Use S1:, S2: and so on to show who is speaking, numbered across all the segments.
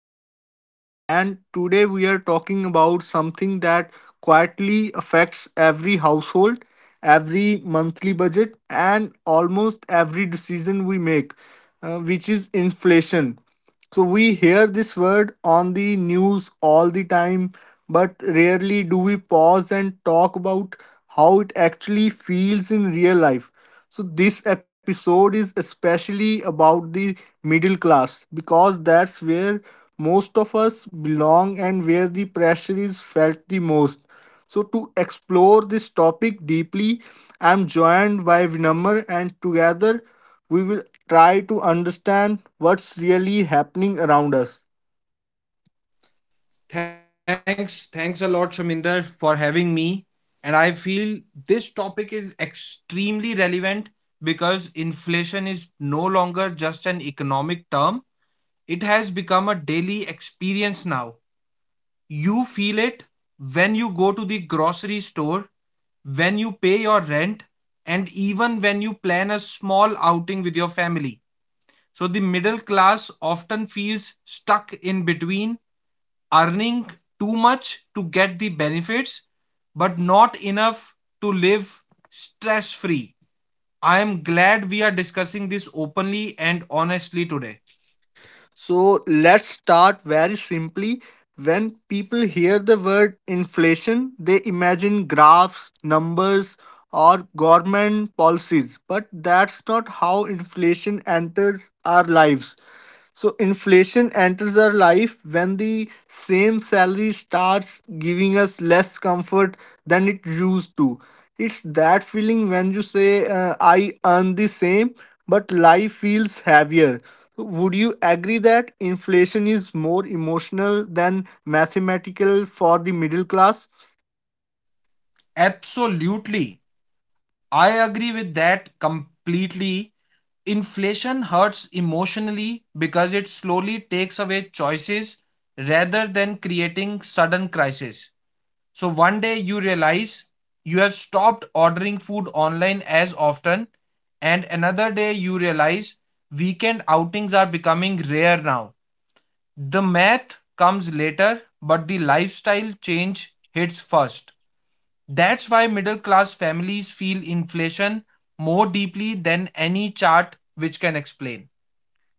S1: your host, and today we are talking about something that quietly affects every household, every monthly budget, and almost every decision we make, which is inflation. So we hear this word on the news all the time, but rarely do we pause and talk about how it actually feels in real life. So this episode is especially about the middle class because that's where most of us belong and where the pressure is felt the most. So, to explore this topic deeply, I am joined by Vinamr, and together we will try to understand what's really happening around us.
S2: Thanks, thanks a lot, Shaminder, for having me. And I feel this topic is extremely relevant because inflation is no longer just an economic term, it has become a daily experience now. You feel it when you go to the grocery store, when you pay your rent, and even when you plan a small outing with your family. So the middle class often feels stuck in between earning too much to get the benefits but not enough to live stress free. I am glad we are discussing this openly and honestly today.
S1: So, let's start very simply. When people hear the word inflation, they imagine graphs, numbers, or government policies, but that's not how inflation enters our lives. So inflation enters our life when the same salary starts giving us less comfort than it used to. It's that feeling when you say, I earn the same, but life feels heavier. Would you agree that inflation is more emotional than mathematical for the middle class?
S2: Absolutely. I agree with that completely. Inflation hurts emotionally because it slowly takes away choices rather than creating sudden crises. So one day you realize you have stopped ordering food online as often, and another day you realize weekend outings are becoming rare now. The math comes later, but the lifestyle change hits first. That's why middle class families feel inflation more deeply than any chart which can explain.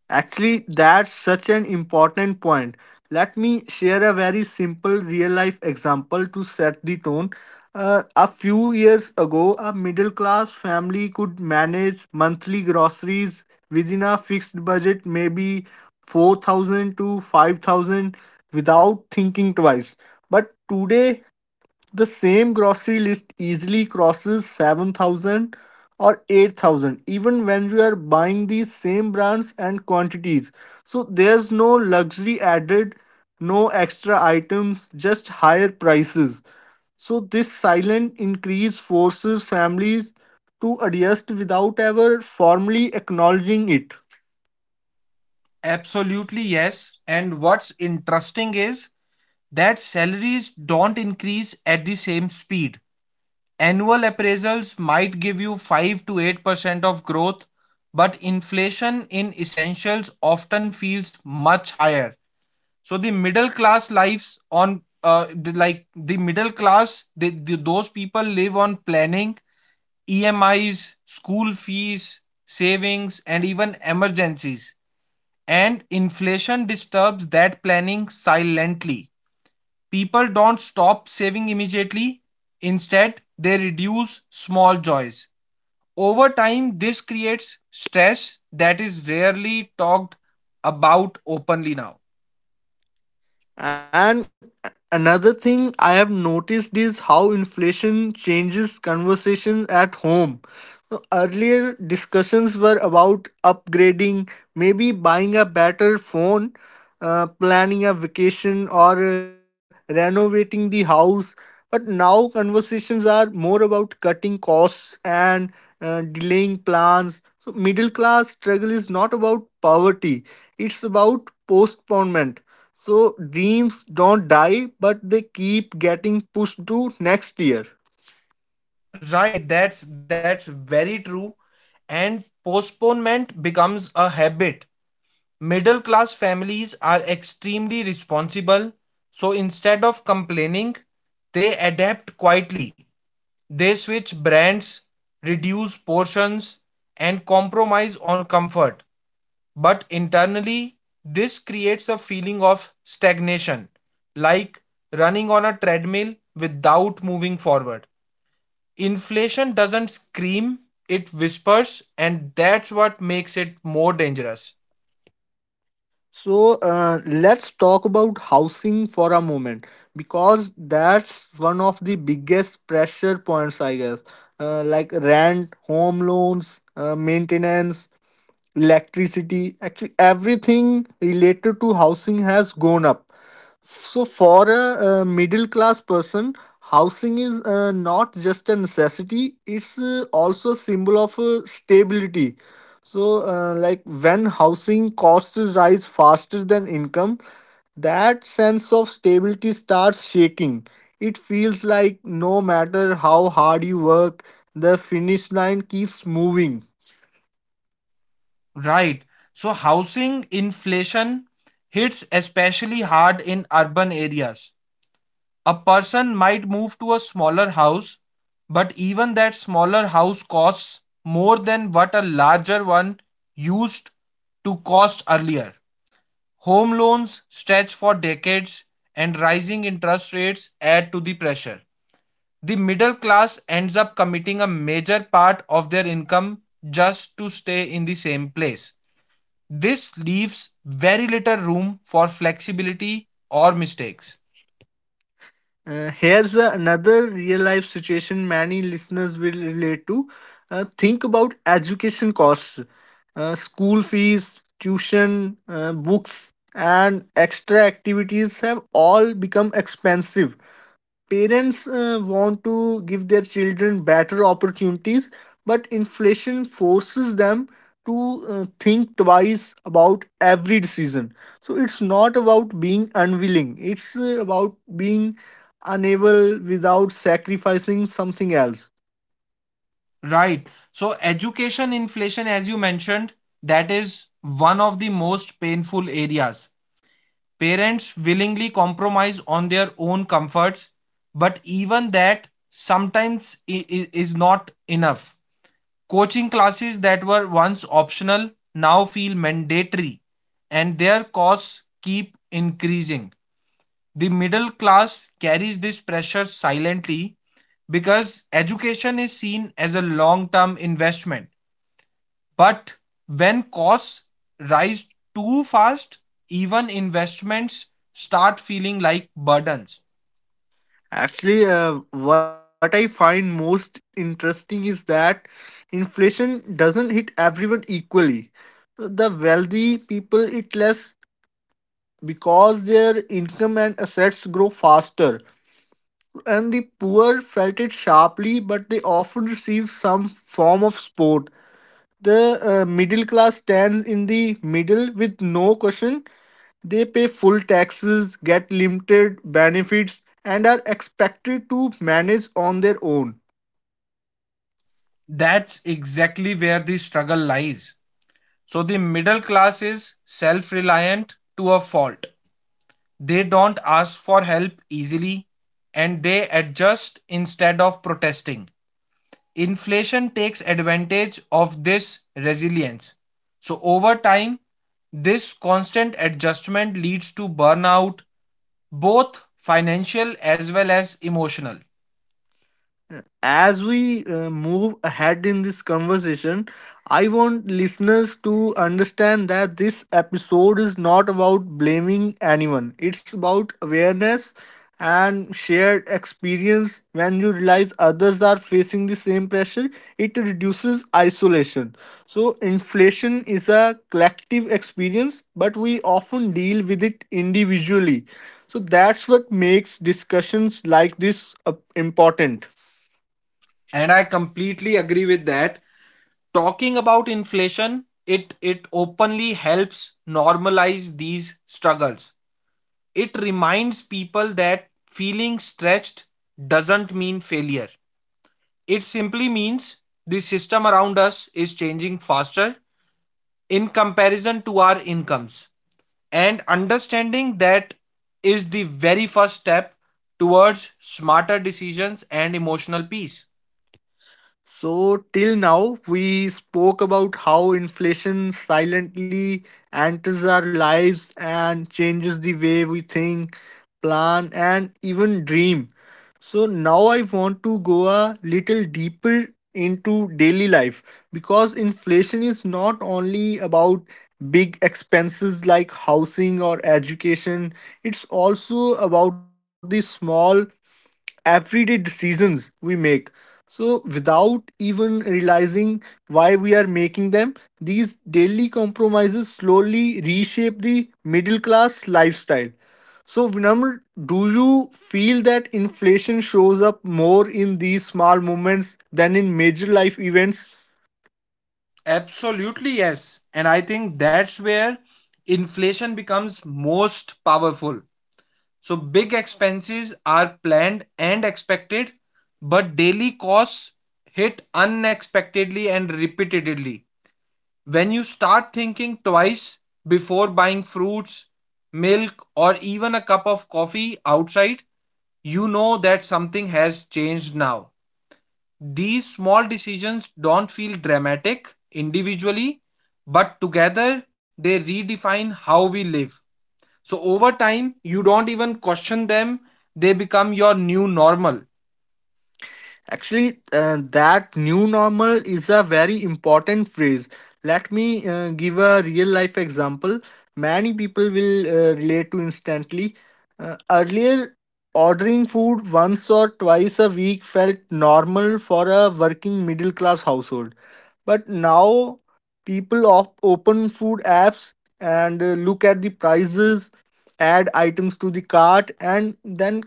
S1: Actually, that's such an important point. Let me share a very simple real life example to set the tone. A few years ago, a middle class family could manage monthly groceries within a fixed budget, maybe 4,000 to 5,000, without thinking twice. But today, the same grocery list easily crosses 7,000 or 8,000 even when you are buying these same brands and quantities. So there's no luxury added, no extra items, just higher prices. So this silent increase forces families to adjust without ever formally acknowledging it.
S2: Absolutely, yes. And what's interesting is that salaries don't increase at the same speed. Annual appraisals might give you 5 to 8% of growth, but inflation in essentials often feels much higher. So the middle class lives on the middle class, they, the, those people live on planning, EMIs, school fees, savings, and even emergencies. And inflation disturbs that planning silently. People don't stop saving immediately, instead, they reduce small joys. Over time, this creates stress that is rarely talked about openly now.
S1: And another thing I have noticed is how inflation changes conversations at home. So earlier discussions were about upgrading, maybe buying a better phone, planning a vacation, or renovating the house. But now conversations are more about cutting costs and delaying plans. So middle class struggle is not about poverty; it's about postponement so dreams don't die, but they keep getting pushed to next year.
S2: Right, that's very true, and postponement becomes a habit. Middle class families are extremely responsible, so instead of complaining, they adapt quietly. They switch brands, reduce portions, and compromise on comfort. But internally, this creates a feeling of stagnation, like running on a treadmill without moving forward. Inflation doesn't scream, it whispers, and that's what makes it more dangerous.
S1: So let's talk about housing for a moment because that's one of the biggest pressure points, I guess. Like rent, home loans, maintenance, electricity actually everything related to housing has gone up, so for a, middle class person, housing is not just a necessity, it's also a symbol of stability. So like when housing costs rise faster than income, that sense of stability starts shaking. It feels like no matter how hard you work, the finish line keeps moving.
S2: Right. So, housing inflation hits especially hard in urban areas. A person might move to a smaller house, but even that smaller house costs more than what a larger one used to cost earlier. Home loans stretch for decades, and rising interest rates add to the pressure. The middle class ends up committing a major part of their income just to stay in the same place. This leaves very little room for flexibility or mistakes.
S1: Here's another real life situation many listeners will relate to. Think about education costs, school fees, tuition, books, and extra activities have all become expensive. Parents want to give their children better opportunities, but inflation forces them to think twice about every decision. So it's not about being unwilling, it's about being unable without sacrificing something else.
S2: Right. So, education inflation, as you mentioned, that is one of the most painful areas. Parents willingly compromise on their own comforts, but even that sometimes is not enough. Coaching classes that were once optional now feel mandatory, and their costs keep increasing. The middle class carries this pressure silently because education is seen as a long term investment, but when costs rise too fast, even investments start feeling like burdens.
S1: Actually, what I find most interesting is that inflation doesn't hit everyone equally. The wealthy people eat less because their income and assets grow faster. And the poor felt it sharply, but they often receive some form of support. The middle class stands in the middle with no cushion. They pay full taxes, get limited benefits, and are expected to manage on their own.
S2: That's exactly where the struggle lies. So the middle class is self reliant to a fault. They don't ask for help easily and they adjust instead of protesting. Inflation takes advantage of this resilience. So over time, this constant adjustment leads to burnout, both financial as well as emotional.
S1: As we move ahead in this conversation, I want listeners to understand that this episode is not about blaming anyone. It's about awareness and shared experience. When you realize others are facing the same pressure, it reduces isolation. So, inflation is a collective experience, but we often deal with it individually. So, that's what makes discussions like this important.
S2: And I completely agree with that. Talking about inflation it openly helps normalize these struggles. It reminds people that feeling stretched doesn't mean failure. It simply means the system around us is changing faster in comparison to our incomes, and understanding that is the very first step towards smarter decisions and emotional peace.
S1: So, till now, we spoke about how inflation silently enters our lives and changes the way we think, plan, and even dream. So, now I want to go a little deeper into daily life because inflation is not only about big expenses like housing or education, it's also about the small everyday decisions we make. So, without even realizing why we are making them, these daily compromises slowly reshape the middle class lifestyle. So, Vinamr, do you feel that inflation shows up more in these small moments than in major life events?
S2: Absolutely, yes, and I think that's where inflation becomes most powerful. So big expenses are planned and expected, but daily costs hit unexpectedly and repeatedly. When you start thinking twice before buying fruits, milk, or even a cup of coffee outside, you know that something has changed now. These small decisions don't feel dramatic individually, but together they redefine how we live. So over time, you don't even question them, they become your new normal.
S1: Actually, that new normal is a very important phrase. Let me give a real life example. Many people will relate to instantly. Earlier, ordering food once or twice a week felt normal for a working middle class household. But now, people open food apps and look at the prices, add items to the cart, and then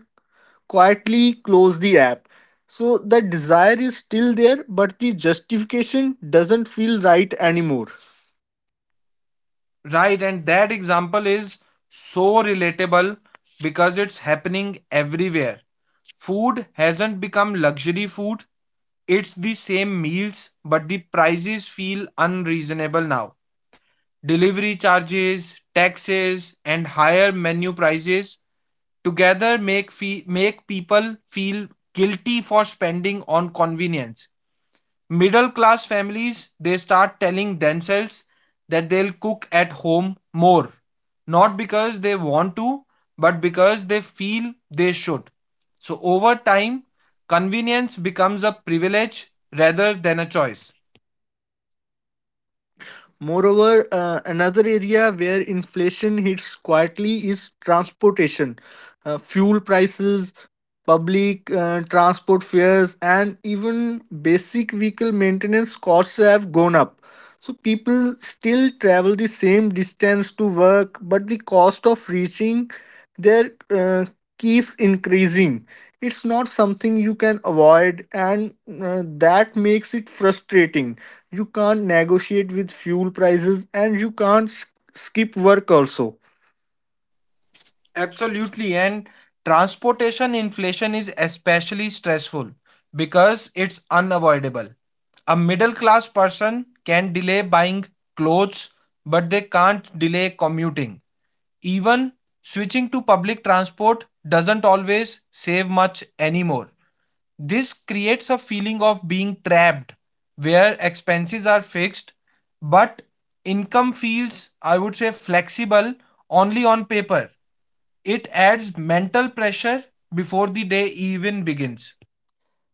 S1: quietly close the app. So the desire is still there, but the justification doesn't feel right anymore.
S2: Right? And that example is so relatable because it's happening everywhere. Food hasn't become luxury food, it's the same meals, but the prices feel unreasonable now. Delivery charges, taxes, and higher menu prices together make people feel guilty for spending on convenience. Middle class families, they start telling themselves that they'll cook at home more, not because they want to, but because they feel they should. So over time, convenience becomes a privilege rather than a choice.
S1: Moreover, another area where inflation hits quietly is transportation. Fuel prices, public transport fares, and even basic vehicle maintenance costs have gone up. So people still travel the same distance to work, but the cost of reaching there keeps increasing. It's not something you can avoid, and that makes it frustrating. You can't negotiate with fuel prices and you can't skip work also.
S2: Absolutely. And transportation inflation is especially stressful because it's unavoidable. A middle class person can delay buying clothes, but they can't delay commuting. Even switching to public transport doesn't always save much anymore. This creates a feeling of being trapped where expenses are fixed, but income feels, I would say, flexible only on paper. It adds mental pressure before the day even begins.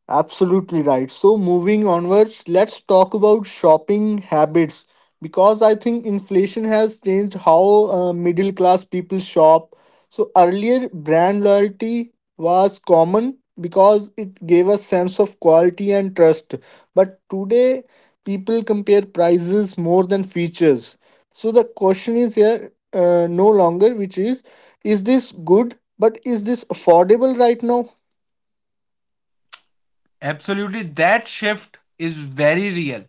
S1: Absolutely right. So, moving onwards, let's talk about shopping habits because I think inflation has changed how middle class people shop. So, earlier brand loyalty was common because it gave a sense of quality and trust. But today, people compare prices more than features. So, the question is here no longer, which is this good? But is this affordable right now?
S2: Absolutely, that shift is very real.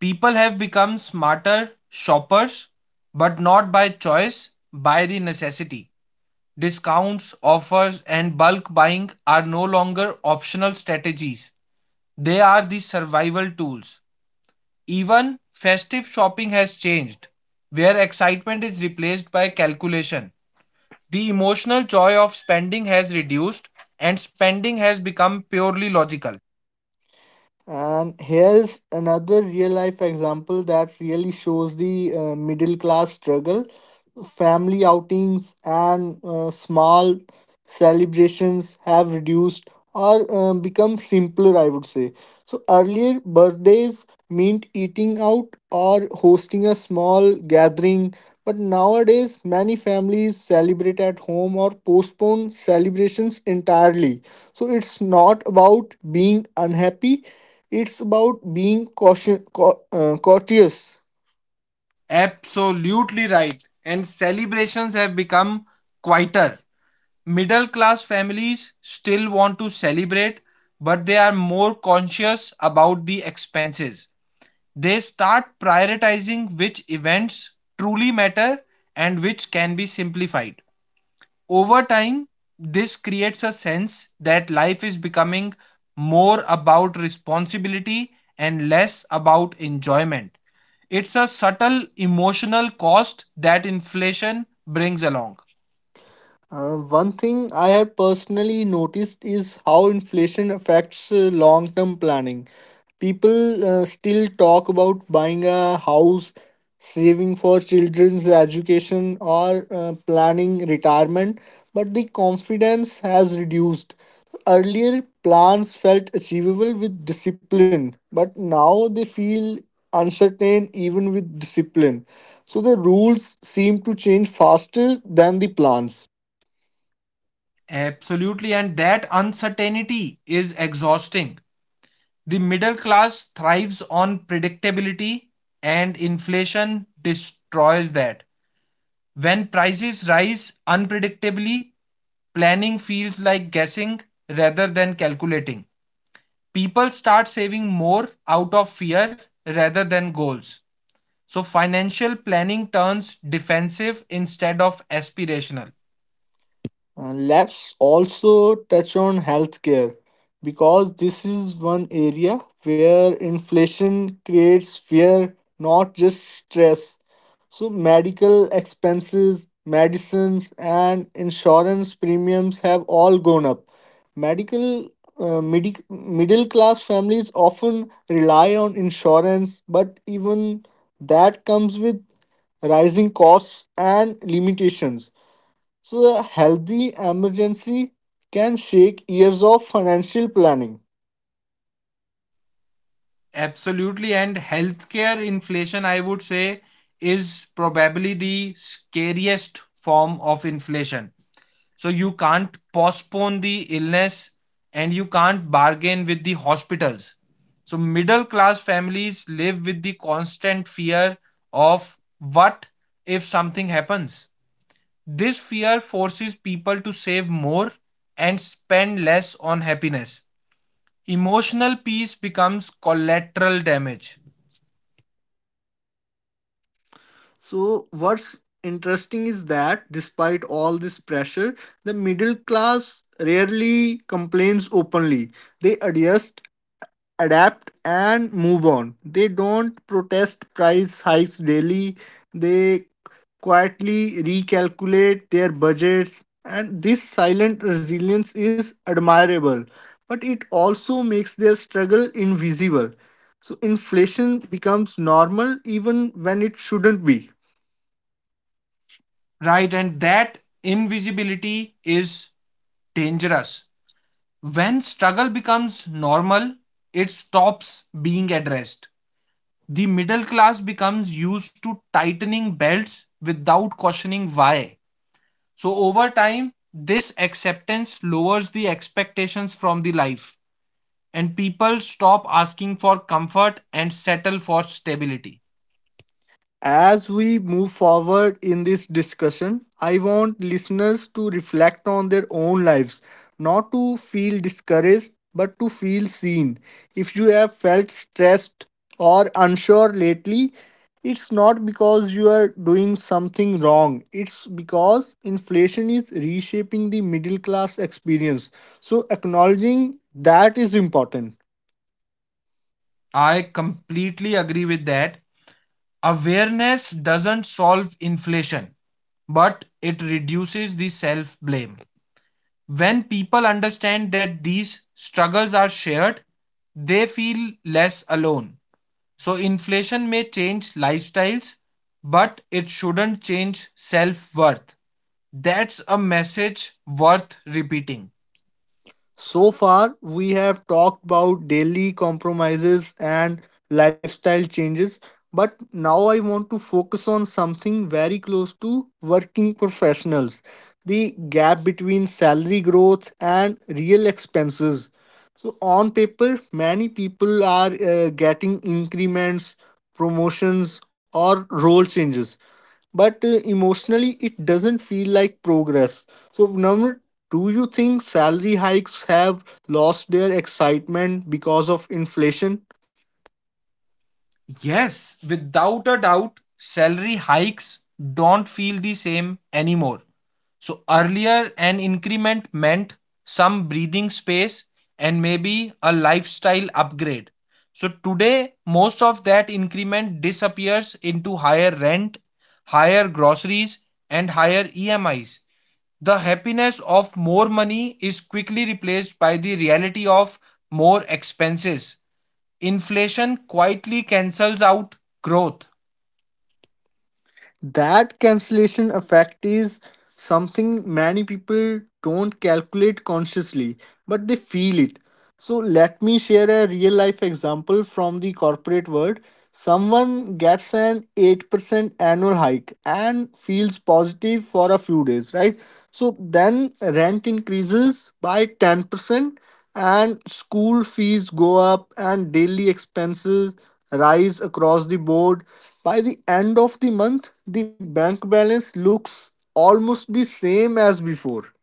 S2: People have become smarter shoppers, but not by choice, by the necessity. Discounts, offers, and bulk buying are no longer optional strategies, they are the survival tools. Even festive shopping has changed, where excitement is replaced by calculation. The emotional joy of spending has reduced and spending has become purely logical.
S1: And here's another real life example that really shows the middle class struggle. Family outings and small celebrations have reduced or become simpler, I would say. So, earlier birthdays meant eating out or hosting a small gathering, but nowadays many families celebrate at home or postpone celebrations entirely. So, it's not about being unhappy, it's about being caution, courteous.
S2: Absolutely right. And celebrations have become quieter. Middle class families still want to celebrate, but they are more conscious about the expenses. They start prioritizing which events truly matter and which can be simplified. Over time, this creates a sense that life is becoming more about responsibility and less about enjoyment. It's a subtle emotional cost that inflation brings along.
S1: One thing I have personally noticed is how inflation affects long term planning. People still talk about buying a house, saving for children's education, or planning retirement, but the confidence has reduced. Earlier, plans felt achievable with discipline, but now they feel uncertain even with discipline. So the rules seem to change faster than the plans.
S2: Absolutely, and that uncertainty is exhausting. The middle class thrives on predictability, and inflation destroys that. When prices rise unpredictably, planning feels like guessing rather than calculating. People start saving more out of fear rather than goals. So, financial planning turns defensive instead of aspirational.
S1: Let's also touch on healthcare because this is one area where inflation creates fear, not just stress. So, medical expenses, medicines, and insurance premiums have all gone up. Medical Middle class families often rely on insurance, but even that comes with rising costs and limitations. So, a healthy emergency can shake years of financial planning.
S2: Absolutely. And healthcare inflation, I would say, is probably the scariest form of inflation. So you can't postpone the illness and you can't bargain with the hospitals. So middle class families live with the constant fear of what if something happens. This fear forces people to save more and spend less on happiness. Emotional peace becomes collateral damage.
S1: So, what's interesting is that despite all this pressure, the middle class rarely complains openly. They adjust, adapt and move on. They don't protest price hikes daily. They quietly recalculate their budgets, and this silent resilience is admirable, but it also makes their struggle invisible. So inflation becomes normal even when it shouldn't be.
S2: Right? And that invisibility is dangerous. When struggle becomes normal, it stops being addressed. The middle class becomes used to tightening belts without questioning why. So, over time, this acceptance lowers the expectations from the life, and people stop asking for comfort and settle for stability.
S1: As we move forward in this discussion, I want listeners to reflect on their own lives, not to feel discouraged, but to feel seen. If you have felt stressed or unsure lately, it's not because you are doing something wrong, it's because inflation is reshaping the middle class experience. So, acknowledging that is important.
S2: I completely agree with that. Awareness doesn't solve inflation, but it reduces the self blame. When people understand that these struggles are shared, they feel less alone. So, inflation may change lifestyles, but it shouldn't change self worth. That's a message worth repeating.
S1: So far, we have talked about daily compromises and lifestyle changes, but now I want to focus on something very close to working professionals: the gap between salary growth and real expenses. So, on paper, many people are getting increments, promotions, or role changes, but emotionally it doesn't feel like progress. So, number, do you think salary hikes have lost their excitement because of inflation?
S2: Yes, without a doubt, salary hikes don't feel the same anymore. So earlier, an increment meant some breathing space and maybe a lifestyle upgrade. So today, most of that increment disappears into higher rent, higher groceries, and higher EMIs. The happiness of more money is quickly replaced by the reality of more expenses. Inflation quietly cancels out growth.
S1: That cancellation effect is something many people don't calculate consciously, but they feel it. So, let me share a real life example from the corporate world. Someone gets an 8% annual hike and feels positive for a few days, right? So then rent increases by 10% and school fees go up and daily expenses rise across the board. By the end of the month, the bank balance looks almost the same as before.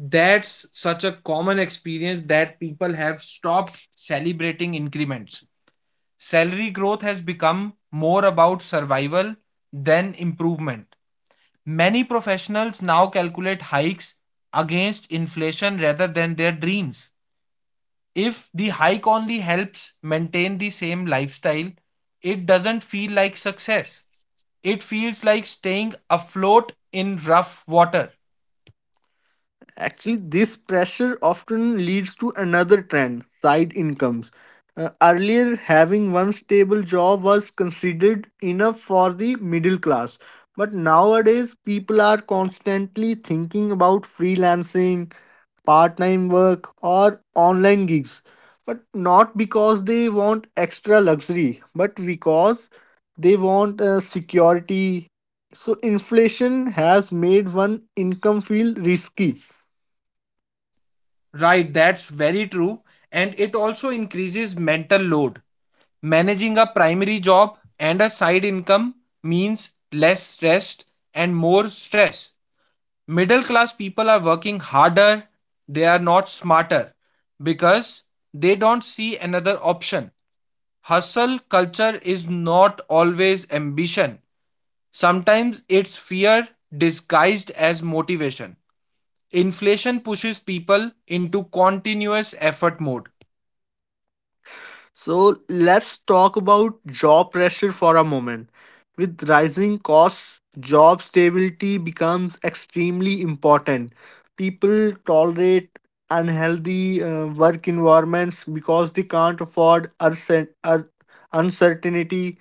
S2: That's such a common experience that people have stopped celebrating increments. Salary growth has become more about survival than improvement. Many professionals now calculate hikes against inflation rather than their dreams. If the hike only helps maintain the same lifestyle, it doesn't feel like success. It feels like staying afloat in rough water.
S1: Actually, this pressure often leads to another trend: side incomes. Earlier, having one stable job was considered enough for the middle class. But nowadays, people are constantly thinking about freelancing, part time work, or online gigs. But not because they want extra luxury, but because they want security. So, inflation has made one income feel risky.
S2: Right, that's very true. And it also increases mental load. Managing a primary job and a side income means less rest and more stress. Middle class people are working harder, they are not smarter because they don't see another option. Hustle culture is not always ambition, sometimes it's fear disguised as motivation. Inflation pushes people into continuous effort mode.
S1: So let's talk about job pressure for a moment. With rising costs, job stability becomes extremely important. People tolerate unhealthy work environments because they can't afford uncertainty.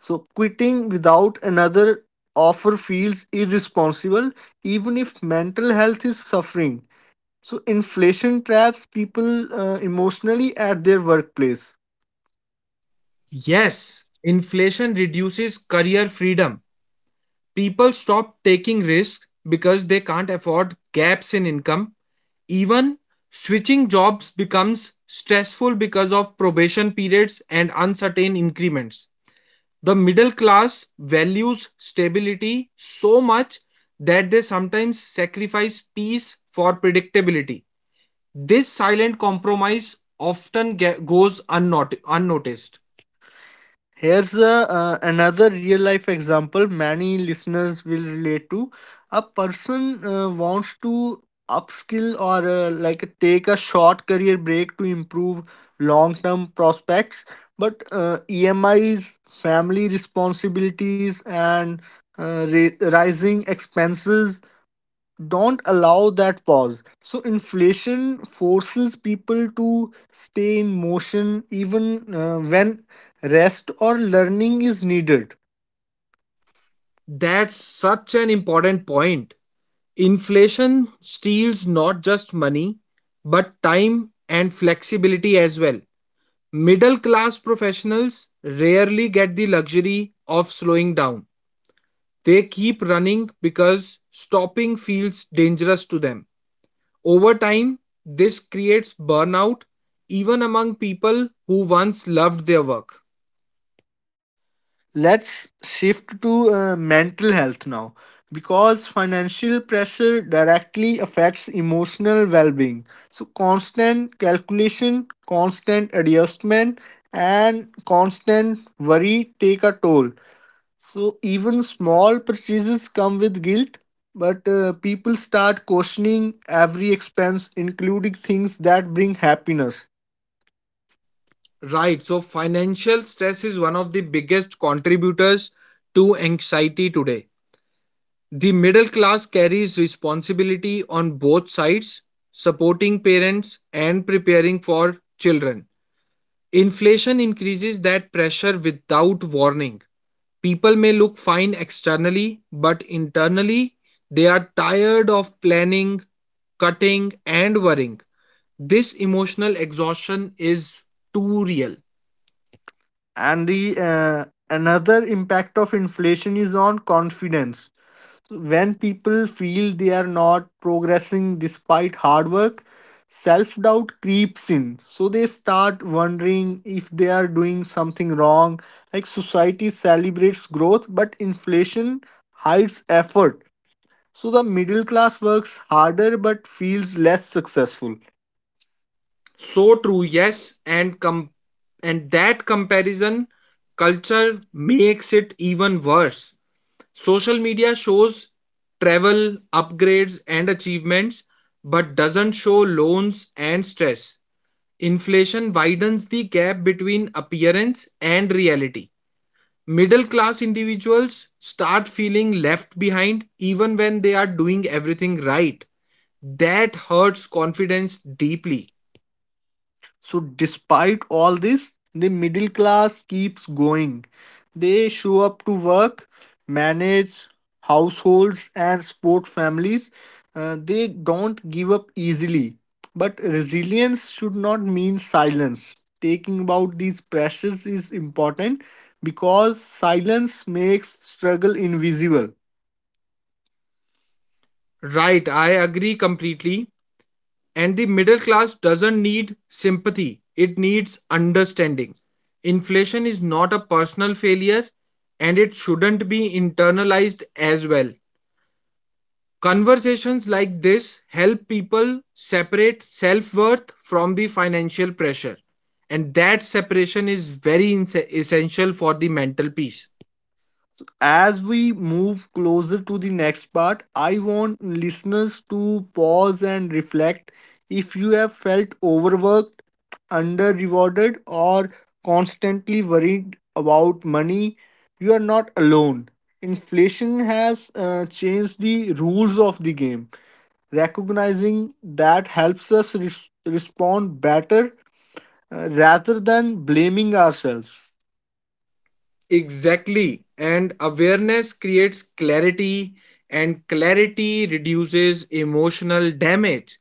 S1: So quitting without another offer feels irresponsible, even if mental health is suffering. So inflation traps people emotionally at their workplace.
S2: Yes, inflation reduces career freedom. People stop taking risks because they can't afford gaps in income. Even switching jobs becomes stressful because of probation periods and uncertain increments. The middle class values stability so much that they sometimes sacrifice peace for predictability. This silent compromise often goes unnoticed.
S1: Here's another real life example many listeners will relate to. A person wants to upskill or take a short career break to improve long term prospects, but EMIs, family responsibilities, and rising expenses don't allow that pause. So inflation forces people to stay in motion even when rest or learning is needed.
S2: That's such an important point. Inflation steals not just money, but time and flexibility as well. Middle class professionals rarely get the luxury of slowing down. They keep running because stopping feels dangerous to them. Over time, this creates burnout even among people who once loved their work.
S1: Let's shift to mental health now because financial pressure directly affects emotional well-being. So constant calculation, constant adjustment and constant worry take a toll. So even small purchases come with guilt, but people start questioning every expense, including things that bring happiness.
S2: Right. So, financial stress is one of the biggest contributors to anxiety today. The middle class carries responsibility on both sides, supporting parents and preparing for children. Inflation increases that pressure without warning. People may look fine externally, but internally, they are tired of planning, cutting, and worrying. This emotional exhaustion is too real.
S1: And the another impact of inflation is on confidence. So when people feel they are not progressing despite hard work, self doubt creeps in. So they start wondering if they are doing something wrong. Like society celebrates growth, but inflation hides effort. So the middle class works harder but feels less successful.
S2: So true, yes, and and that comparison culture makes it even worse. Social media shows travel, upgrades, and achievements, but doesn't show loans and stress. Inflation widens the gap between appearance and reality. Middle class individuals start feeling left behind even when they are doing everything right. That hurts confidence deeply.
S1: So despite all this, the middle class keeps going. They show up to work, manage households and support families. They don't give up easily. But resilience should not mean silence. Taking about these pressures is important because silence makes struggle invisible.
S2: Right, I agree completely. And the middle class doesn't need sympathy, it needs understanding. Inflation is not a personal failure and it shouldn't be internalized as well. Conversations like this help people separate self worth from the financial pressure, and that separation is very essential for the mental peace.
S1: As we move closer to the next part, I want listeners to pause and reflect if you have felt overworked, under rewarded, or constantly worried about money. You are not alone. Inflation has changed the rules of the game. Recognizing that helps us respond better rather than blaming ourselves.
S2: Exactly. And awareness creates clarity, and clarity reduces emotional damage.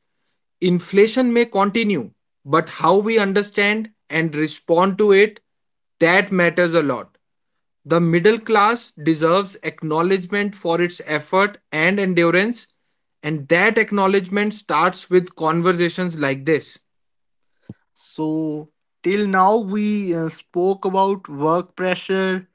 S2: Inflation may continue, but how we understand and respond to it, that matters a lot. The middle class deserves acknowledgement for its effort and endurance, and that acknowledgement starts with conversations like this.
S1: So, till now, we spoke about work pressure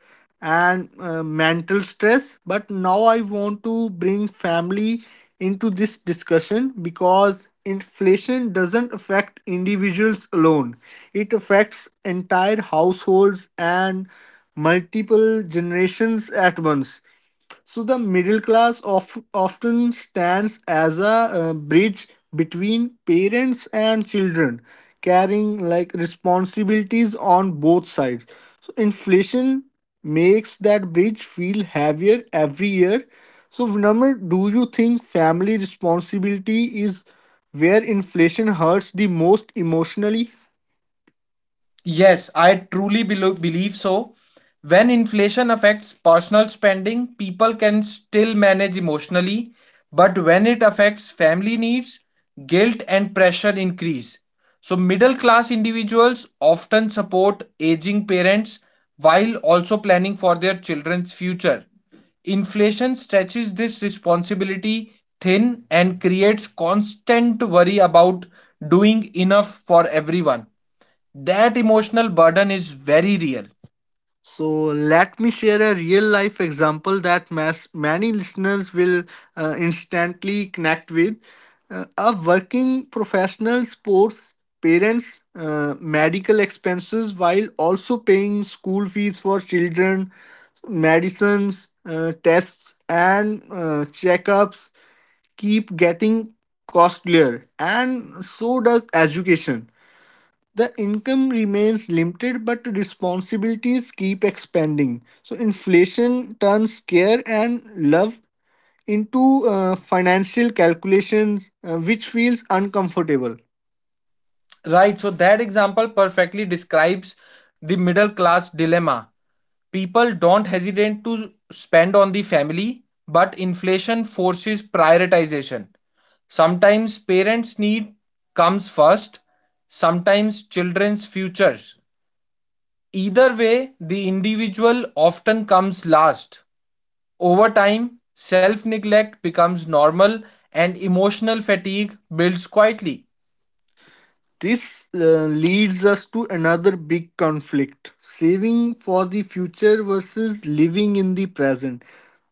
S1: and mental stress, but now I want to bring family into this discussion because inflation doesn't affect individuals alone, it affects entire households and multiple generations at once. So the middle class often stands as a bridge between parents and children, carrying like responsibilities on both sides. So inflation makes that bridge feel heavier every year. So Vinamr, do you think family responsibility is where inflation hurts the most emotionally?
S2: Yes, I truly believe so. When inflation affects personal spending, people can still manage emotionally, but when it affects family needs, guilt and pressure increase. So, middle class individuals often support aging parents while also planning for their children's future. Inflation stretches this responsibility thin and creates constant worry about doing enough for everyone. That emotional burden is very real.
S1: So let me share a real life example that many listeners will instantly connect with. A working professional sports parents medical expenses while also paying school fees for children, medicines, tests and checkups keep getting costlier and so does education. The income remains limited, but responsibilities keep expanding. So inflation turns care and love into financial calculations, which feels uncomfortable.
S2: Right, so that example perfectly describes the middle class dilemma. People don't hesitate to spend on the family, but inflation forces prioritization. Sometimes parents' need comes first, sometimes children's futures. Either way, the individual often comes last. Over time, self neglect becomes normal and emotional fatigue builds quietly.
S1: This leads us to another big conflict saving for the future versus living in the present.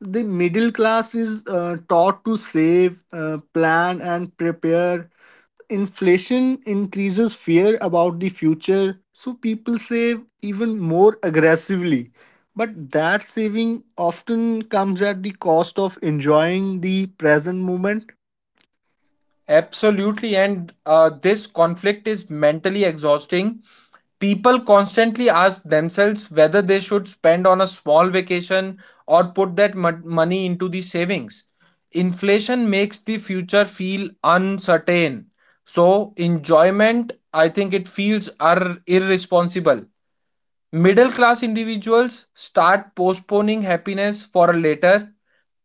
S1: The middle class is taught to save, plan, and prepare. Inflation increases fear about the future, so people save even more aggressively. But that saving often comes at the cost of enjoying the present moment.
S2: Absolutely. And this conflict is mentally exhausting. People constantly ask themselves whether they should spend on a small vacation or put that money into the savings. Inflation makes the future feel uncertain. So, enjoyment, I think it feels are irresponsible. Middle class individuals start postponing happiness for a later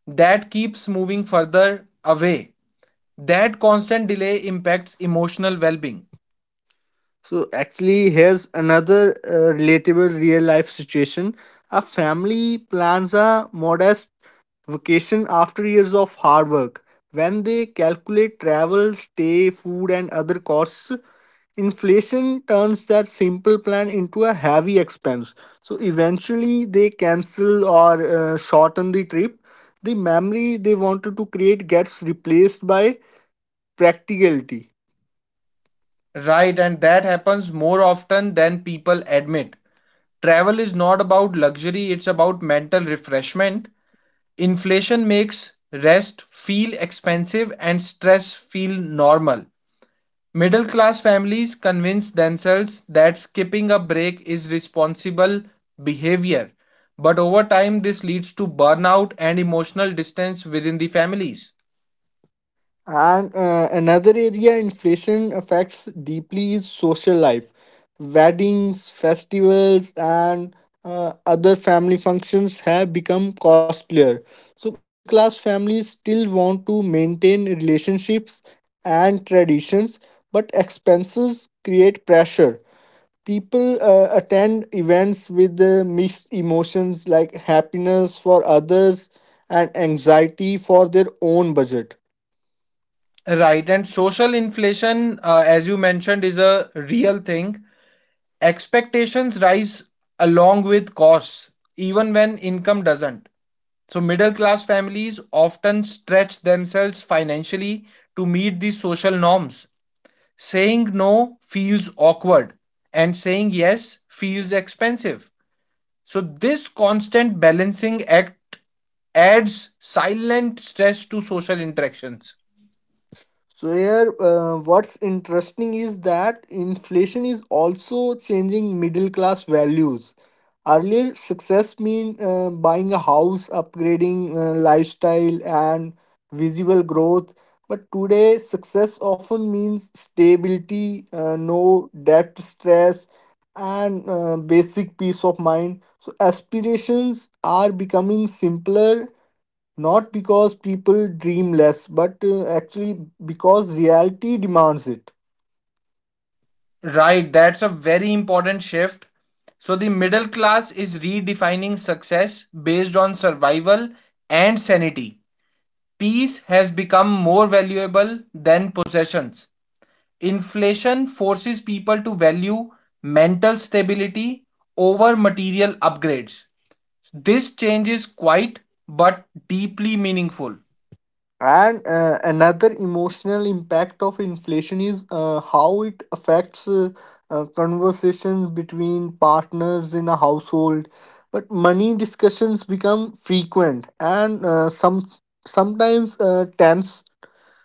S2: that keeps moving further away. That constant delay impacts emotional well-being.
S1: So actually, here's another relatable real life situation. A family plans a modest vacation after years of hard work. When they calculate travel, stay, food, and other costs, inflation turns that simple plan into a heavy expense. So eventually they cancel or shorten the trip. The memory they wanted to create gets replaced by practicality.
S2: Right, and that happens more often than people admit. Travel is not about luxury, it's about mental refreshment. Inflation makes rest feel expensive and stress feel normal. Middle class families convince themselves that skipping a break is responsible behavior, but over time this leads to burnout and emotional distance within the families.
S1: And another area inflation affects deeply is social life. Weddings, festivals, and other family functions have become costlier. So middle class families still want to maintain relationships and traditions, but expenses create pressure. People attend events with mixed emotions like happiness for others and anxiety for their own budget.
S2: Right, and social inflation, as you mentioned, is a real thing. Expectations rise along with costs, even when income doesn't. So, middle class families often stretch themselves financially to meet these social norms. Saying no feels awkward, and saying yes feels expensive. So, this constant balancing act adds silent stress to social interactions.
S1: So here, what's interesting is that inflation is also changing middle class values. Earlier, success mean buying a house, upgrading lifestyle, and visible growth. But today, success often means stability, no debt stress, and basic peace of mind. So aspirations are becoming simpler not because people dream less, but actually because reality demands it.
S2: Right, that's a very important shift. So, the middle class is redefining success based on survival and sanity. Peace has become more valuable than possessions. Inflation forces people to value mental stability over material upgrades. This change is quiet but deeply meaningful.
S1: And another emotional impact of inflation is how it affects conversations between partners in a household. But money discussions become frequent and sometimes tense.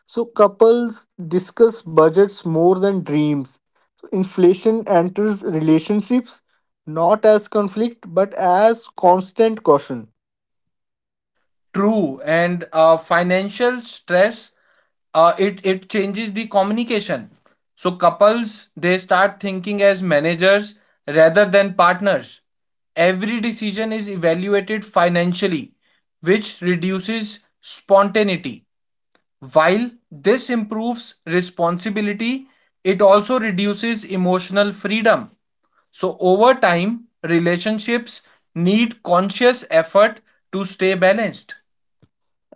S1: So couples discuss budgets more than dreams. So inflation enters relationships not as conflict but as constant caution.
S2: True, and financial stress it changes the communication. So couples they start thinking as managers rather than partners. Every decision is evaluated financially, which reduces spontaneity. While this improves responsibility, it also reduces emotional freedom. So over time, relationships need conscious effort to stay balanced.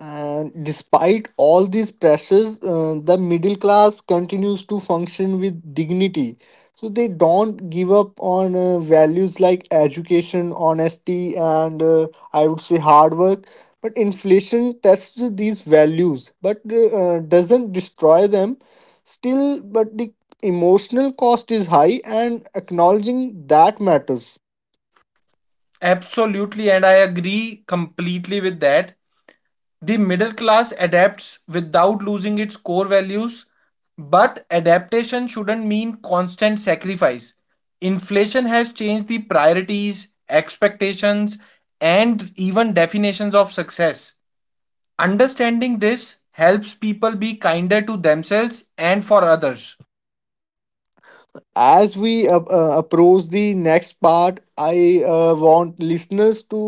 S1: And despite all these pressures, the middle class continues to function with dignity. So they don't give up on values like education, honesty, and I would say hard work. But inflation tests these values, but doesn't destroy them. Still, but the emotional cost is high, and acknowledging that matters.
S2: Absolutely, and I agree completely with that. The middle class adapts without losing its core values, but adaptation shouldn't mean constant sacrifice. Inflation has changed the priorities, expectations, and even definitions of success. Understanding this helps people be kinder to themselves and for others.
S1: As we approach the next part, I want listeners to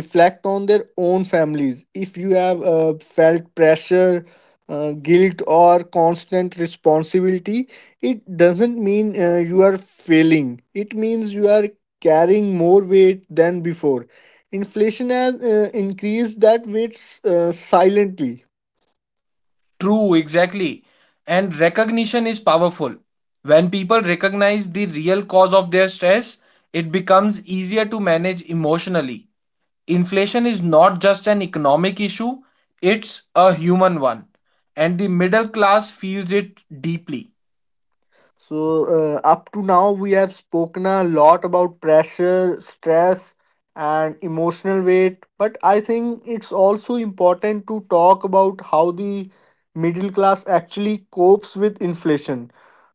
S1: reflect on their own families. If you have felt pressure, guilt or constant responsibility, it doesn't mean you are failing. It means you are carrying more weight than before. Inflation has increased that weight silently.
S2: True, exactly. And recognition is powerful. When people recognize the real cause of their stress, it becomes easier to manage emotionally. Inflation is not just an economic issue, it's a human one. And the middle class feels it deeply.
S1: So, up to now, we have spoken a lot about pressure, stress, and emotional weight, but I think it's also important to talk about how the middle class actually copes with inflation,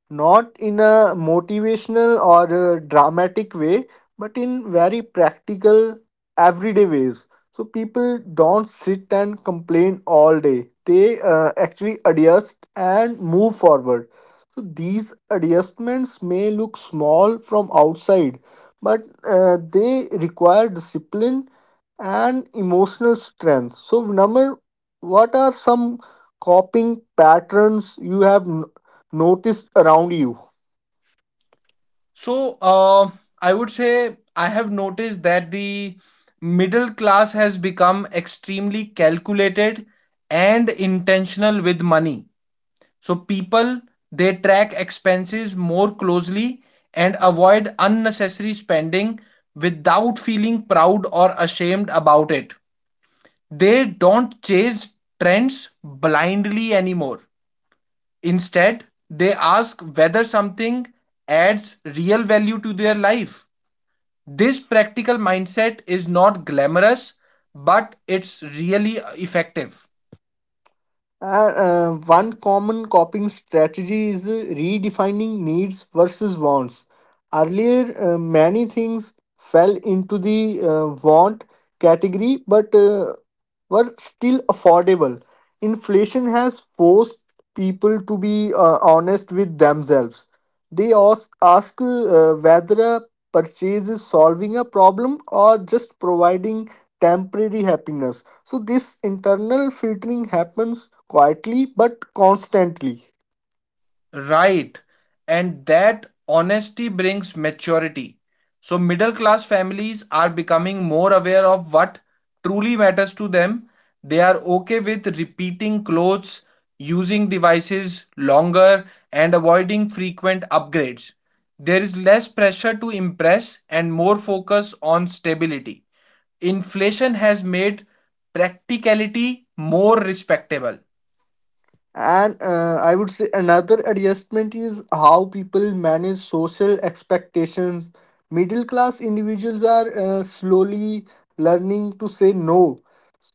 S1: not in a motivational or a dramatic way, but in very practical, everyday ways. So people don't sit and complain all day. They actually adjust and move forward. So these adjustments may look small from outside, but they require discipline and emotional strength. So Vinamr, what are some coping patterns you have noticed around you?
S2: So, I would say I have noticed that the middle class has become extremely calculated and intentional with money. So people, they track expenses more closely and avoid unnecessary spending without feeling proud or ashamed about it. They don't chase trends blindly anymore. Instead, they ask whether something adds real value to their life. This practical mindset is not glamorous, but it's really effective.
S1: And one common coping strategy is redefining needs versus wants. Earlier, many things fell into the want category but were still affordable. Inflation has forced people to be honest with themselves. They ask whether a purchase is solving a problem or just providing temporary happiness. So this internal filtering happens quietly but constantly.
S2: Right. And that honesty brings maturity. So, middle class families are becoming more aware of what truly matters to them. They are okay with repeating clothes, using devices longer, and avoiding frequent upgrades. There is less pressure to impress and more focus on stability. Inflation has made practicality more respectable.
S1: And I would say another adjustment is how people manage social expectations. Middle class individuals are slowly learning to say no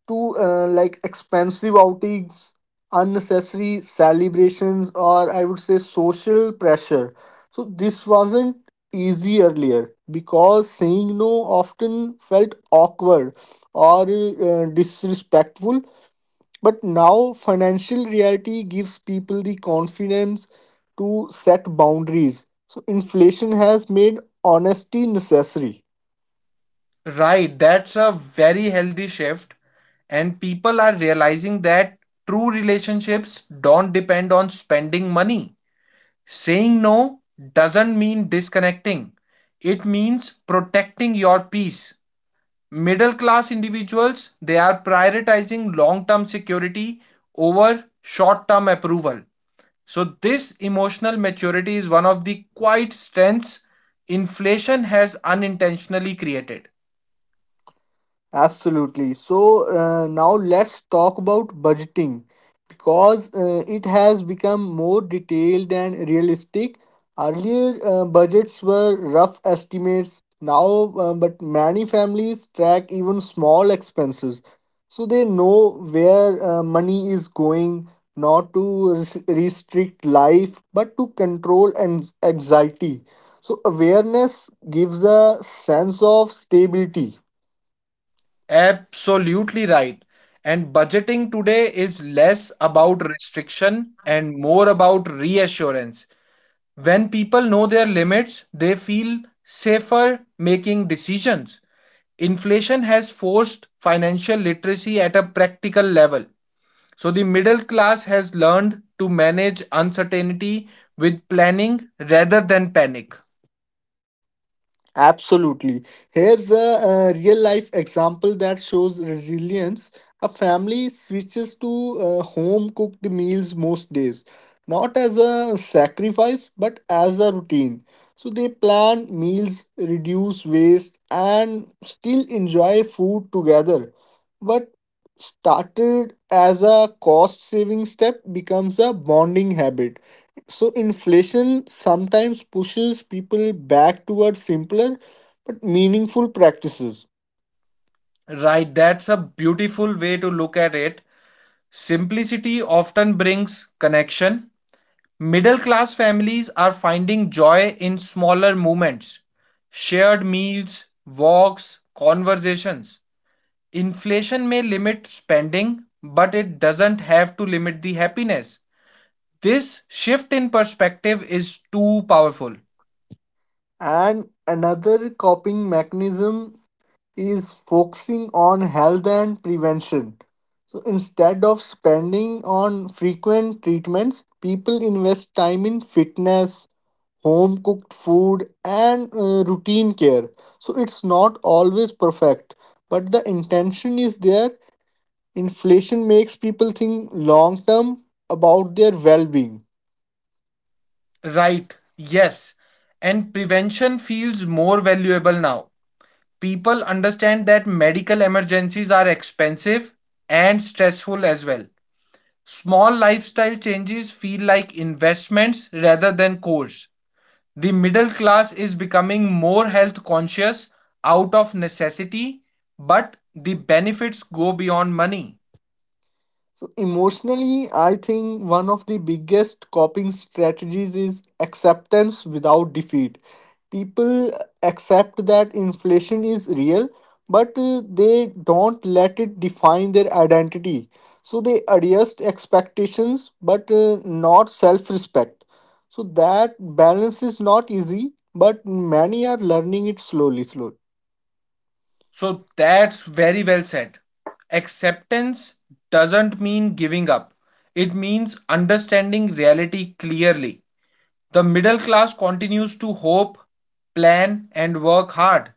S1: to expensive outings, unnecessary celebrations, or I would say social pressure. So this wasn't easy earlier because saying no often felt awkward or disrespectful. But now financial reality gives people the confidence to set boundaries. So inflation has made honesty necessary.
S2: Right, that's a very healthy shift, and people are realizing that true relationships don't depend on spending money. Saying no doesn't mean disconnecting. It means protecting your peace. Middle class individuals they are prioritizing long-term security over short-term approval. So this emotional maturity is one of the quiet strengths inflation has unintentionally created.
S1: Absolutely. So now let's talk about budgeting because it has become more detailed and realistic. Earlier, budgets were rough estimates. Now, but many families track even small expenses, so they know where money is going, not to restrict life, but to control and anxiety. So awareness gives a sense of stability.
S2: Absolutely right. And budgeting today is less about restriction and more about reassurance. When people know their limits, they feel safer making decisions. Inflation has forced financial literacy at a practical level. So the middle class has learned to manage uncertainty with planning rather than panic.
S1: Absolutely. Here's a, real life example that shows resilience. A family switches to home cooked meals most days, not as a sacrifice, but as a routine. So they plan meals, reduce waste, and still enjoy food together. What started as a cost saving step becomes a bonding habit. So inflation sometimes pushes people back towards simpler but meaningful practices.
S2: Right, that's a beautiful way to look at it. Simplicity often brings connection. Middle class families are finding joy in smaller moments, shared meals, walks, conversations. Inflation may limit spending, but it doesn't have to limit the happiness. This shift in perspective is too powerful.
S1: And another coping mechanism is focusing on health and prevention. So instead of spending on frequent treatments, people invest time in fitness, home cooked food, and routine care. So it's not always perfect, but the intention is there. Inflation makes people think long term about their well being.
S2: Right, yes, and prevention feels more valuable now. People understand that medical emergencies are expensive and stressful as well. Small lifestyle changes feel like investments rather than chores. The middle class is becoming more health conscious out of necessity, but the benefits go beyond money.
S1: So emotionally, I think one of the biggest coping strategies is acceptance without defeat. People accept that inflation is real, but they don't let it define their identity. So they adjust expectations but not self respect. So that balance is not easy, but many are learning it slowly, slowly.
S2: So that's very well said. Acceptance doesn't mean giving up, it means understanding reality clearly. The middle class continues to hope, plan, and work hard.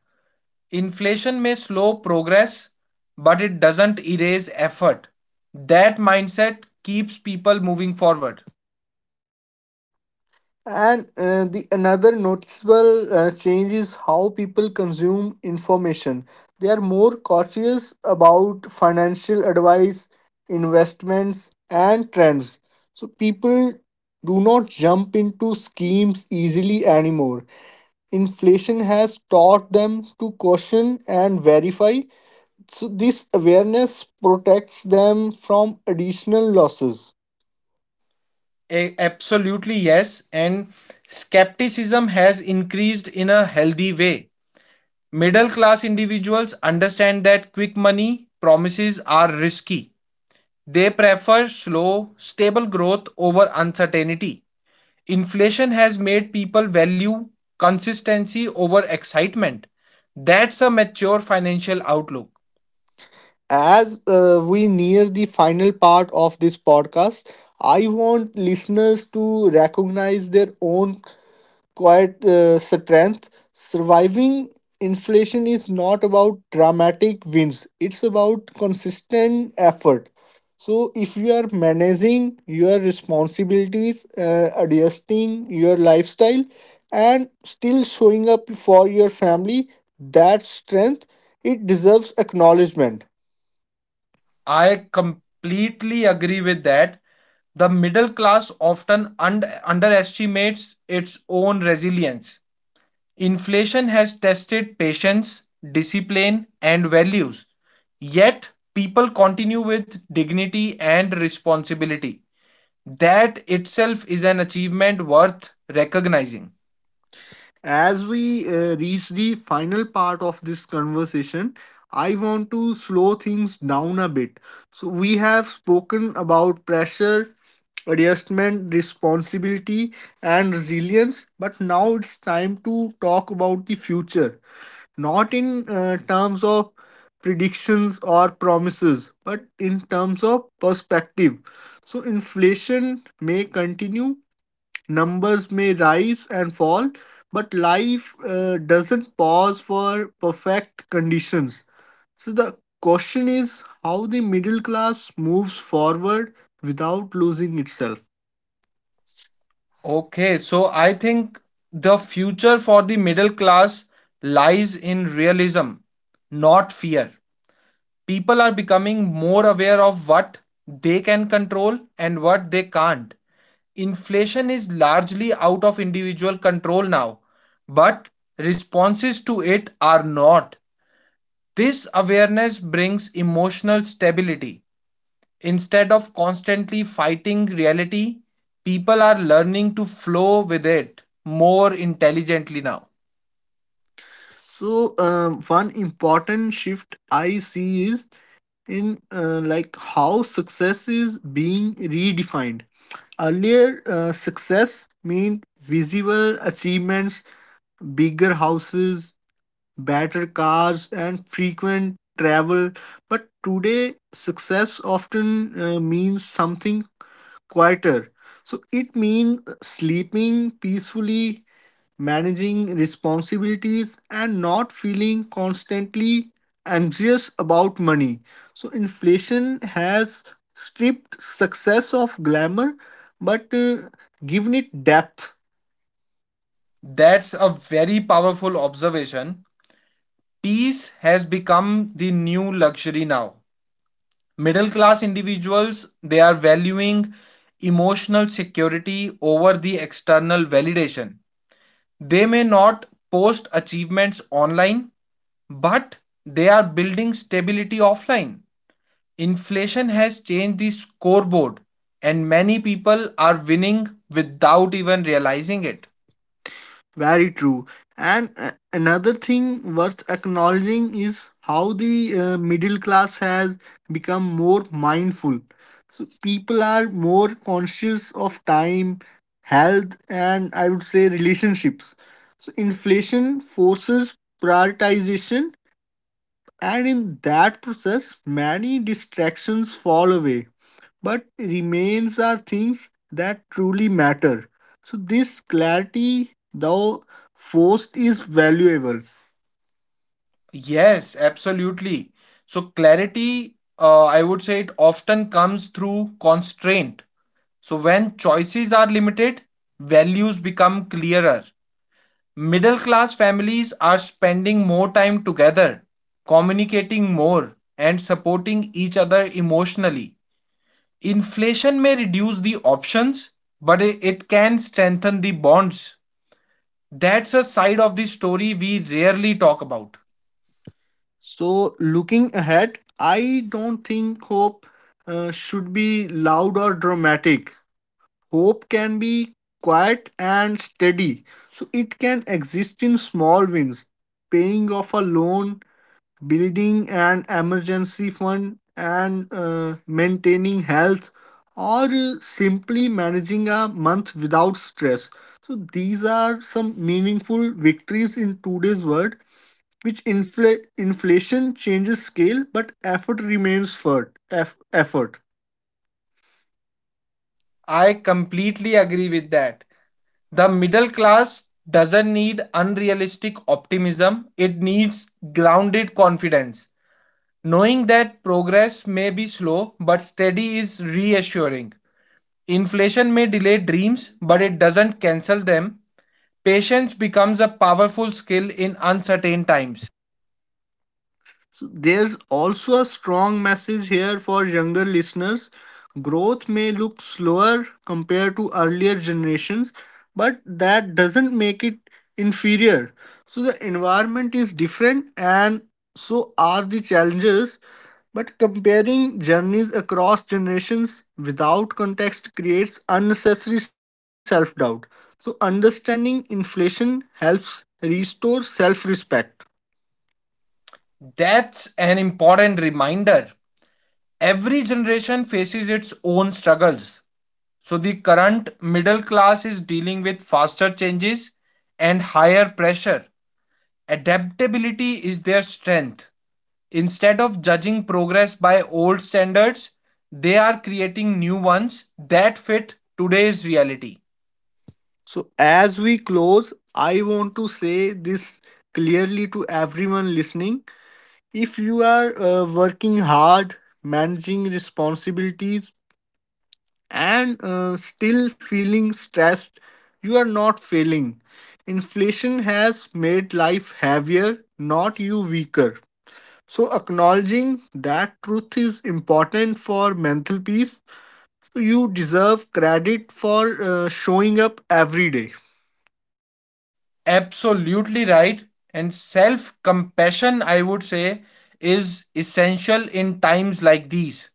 S2: Inflation may slow progress, but it doesn't erase effort. That mindset keeps people moving forward.
S1: And the another noticeable change is how people consume information. They are more cautious about financial advice, investments, and trends. So people do not jump into schemes easily anymore. Inflation has taught them to caution and verify. So this awareness protects them from additional losses.
S2: Absolutely, yes. And skepticism has increased in a healthy way. Middle class individuals understand that quick money promises are risky. They prefer slow, stable growth over uncertainty. Inflation has made people value consistency over excitement. That's a mature financial outlook.
S1: As we near the final part of this podcast, I want listeners to recognize their own quiet strength. Surviving inflation is not about dramatic wins, it's about consistent effort. So if you are managing your responsibilities, adjusting your lifestyle, and still showing up for your family, that strength it deserves acknowledgement.
S2: I completely agree with that. The middle class often underestimates its own resilience. Inflation has tested patience, discipline, and values. Yet, people continue with dignity and responsibility. That itself is an achievement worth recognizing.
S1: As we reach the final part of this conversation, I want to slow things down a bit. So we have spoken about pressure, adjustment, responsibility, and resilience, but now it's time to talk about the future, not in terms of predictions or promises, but in terms of perspective. So inflation may continue, numbers may rise and fall, but life doesn't pause for perfect conditions. So the question is how the middle class moves forward without losing itself.
S2: Okay, so I think the future for the middle class lies in realism, not fear. People are becoming more aware of what they can control and what they can't. Inflation is largely out of individual control now, but responses to it are not. This awareness brings emotional stability. Instead of constantly fighting reality, people are learning to flow with it more intelligently now.
S1: So one important shift I see is in how success is being redefined. Earlier, success meant visible achievements, bigger houses, better cars, and frequent travel. But today, success often means something quieter. So it means sleeping peacefully, managing responsibilities, and not feeling constantly anxious about money. So inflation has stripped success of glamour but given it depth.
S2: That's a very powerful observation. Peace has become the new luxury now. Middle class individuals they are valuing emotional security over the external validation. They may not post achievements online, but they are building stability offline. Inflation has changed the scoreboard, and many people are winning without even realizing it.
S1: Very true. And another thing worth acknowledging is how the middle class has become more mindful. So people are more conscious of time, health, and I would say relationships. So inflation forces prioritization, and in that process, many distractions fall away but remains are things that truly matter. So this clarity, though forced, is valuable.
S2: Yes, absolutely. So, clarity, I would say it often comes through constraint. So, when choices are limited, values become clearer. Middle class families are spending more time together, communicating more, and supporting each other emotionally. Inflation may reduce the options, but it can strengthen the bonds. That's a side of the story we rarely talk about.
S1: So looking ahead, I don't think hope should be loud or dramatic. Hope can be quiet and steady. So it can exist in small wins, paying off a loan, building an emergency fund and maintaining health or simply managing a month without stress. So these are some meaningful victories in today's world, which inflation changes scale but effort remains for effort.
S2: I completely agree with that. The middle class doesn't need unrealistic optimism, it needs grounded confidence. Knowing that progress may be slow but steady is reassuring. Inflation may delay dreams, but it doesn't cancel them. Patience becomes a powerful skill in uncertain times.
S1: So there's also a strong message here for younger listeners. Growth may look slower compared to earlier generations, but that doesn't make it inferior. So the environment is different and so are the challenges. But comparing journeys across generations without context creates unnecessary self doubt. So understanding inflation helps restore self respect.
S2: That's an important reminder. Every generation faces its own struggles. So, the current middle class is dealing with faster changes and higher pressure. Adaptability is their strength. Instead of judging progress by old standards, they are creating new ones that fit today's reality.
S1: So as we close, I want to say this clearly to everyone listening. If you are working hard, managing responsibilities, and still feeling stressed, you are not failing. Inflation has made life heavier, not you weaker. So acknowledging that truth is important for mental peace. So you deserve credit for showing up every day.
S2: Absolutely right. And self compassion, I would say, is essential in times like these.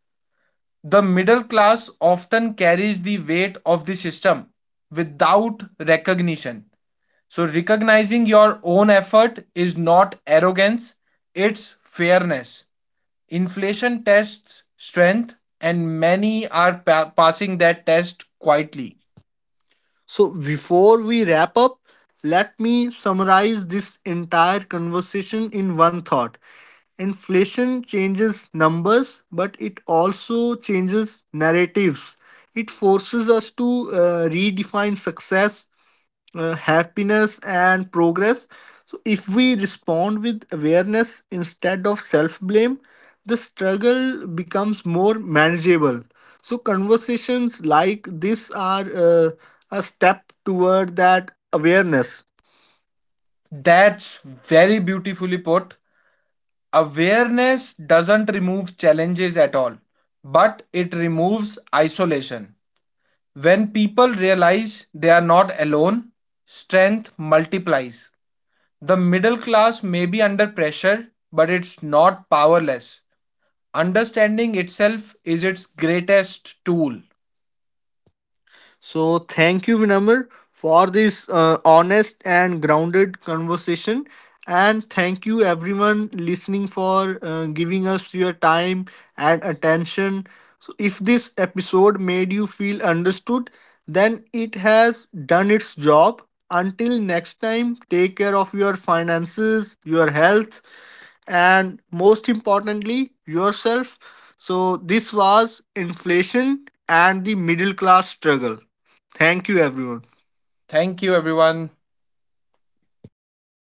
S2: The middle class often carries the weight of the system without recognition. So, recognizing your own effort is not arrogance, it's fairness. Inflation tests strength, and many are passing that test quietly.
S1: So before we wrap up, let me summarize this entire conversation in one thought. Inflation changes numbers, but it also changes narratives. It forces us to redefine success, happiness and progress. So if we respond with awareness instead of self blame, the struggle becomes more manageable. So conversations like this are a step toward that awareness.
S2: That's very beautifully put. Awareness doesn't remove challenges at all, but it removes isolation. When people realize they are not alone, strength multiplies. The middle class may be under pressure, but it's not powerless. Understanding itself is its greatest tool.
S1: So thank you, Vinamr, for this honest and grounded conversation. And thank you, everyone, listening for giving us your time and attention. So if this episode made you feel understood, then it has done its job. Until next time, take care of your finances, your health, and most importantly yourself. So this was inflation and the middle class struggle. Thank you everyone.
S2: Thank you, everyone.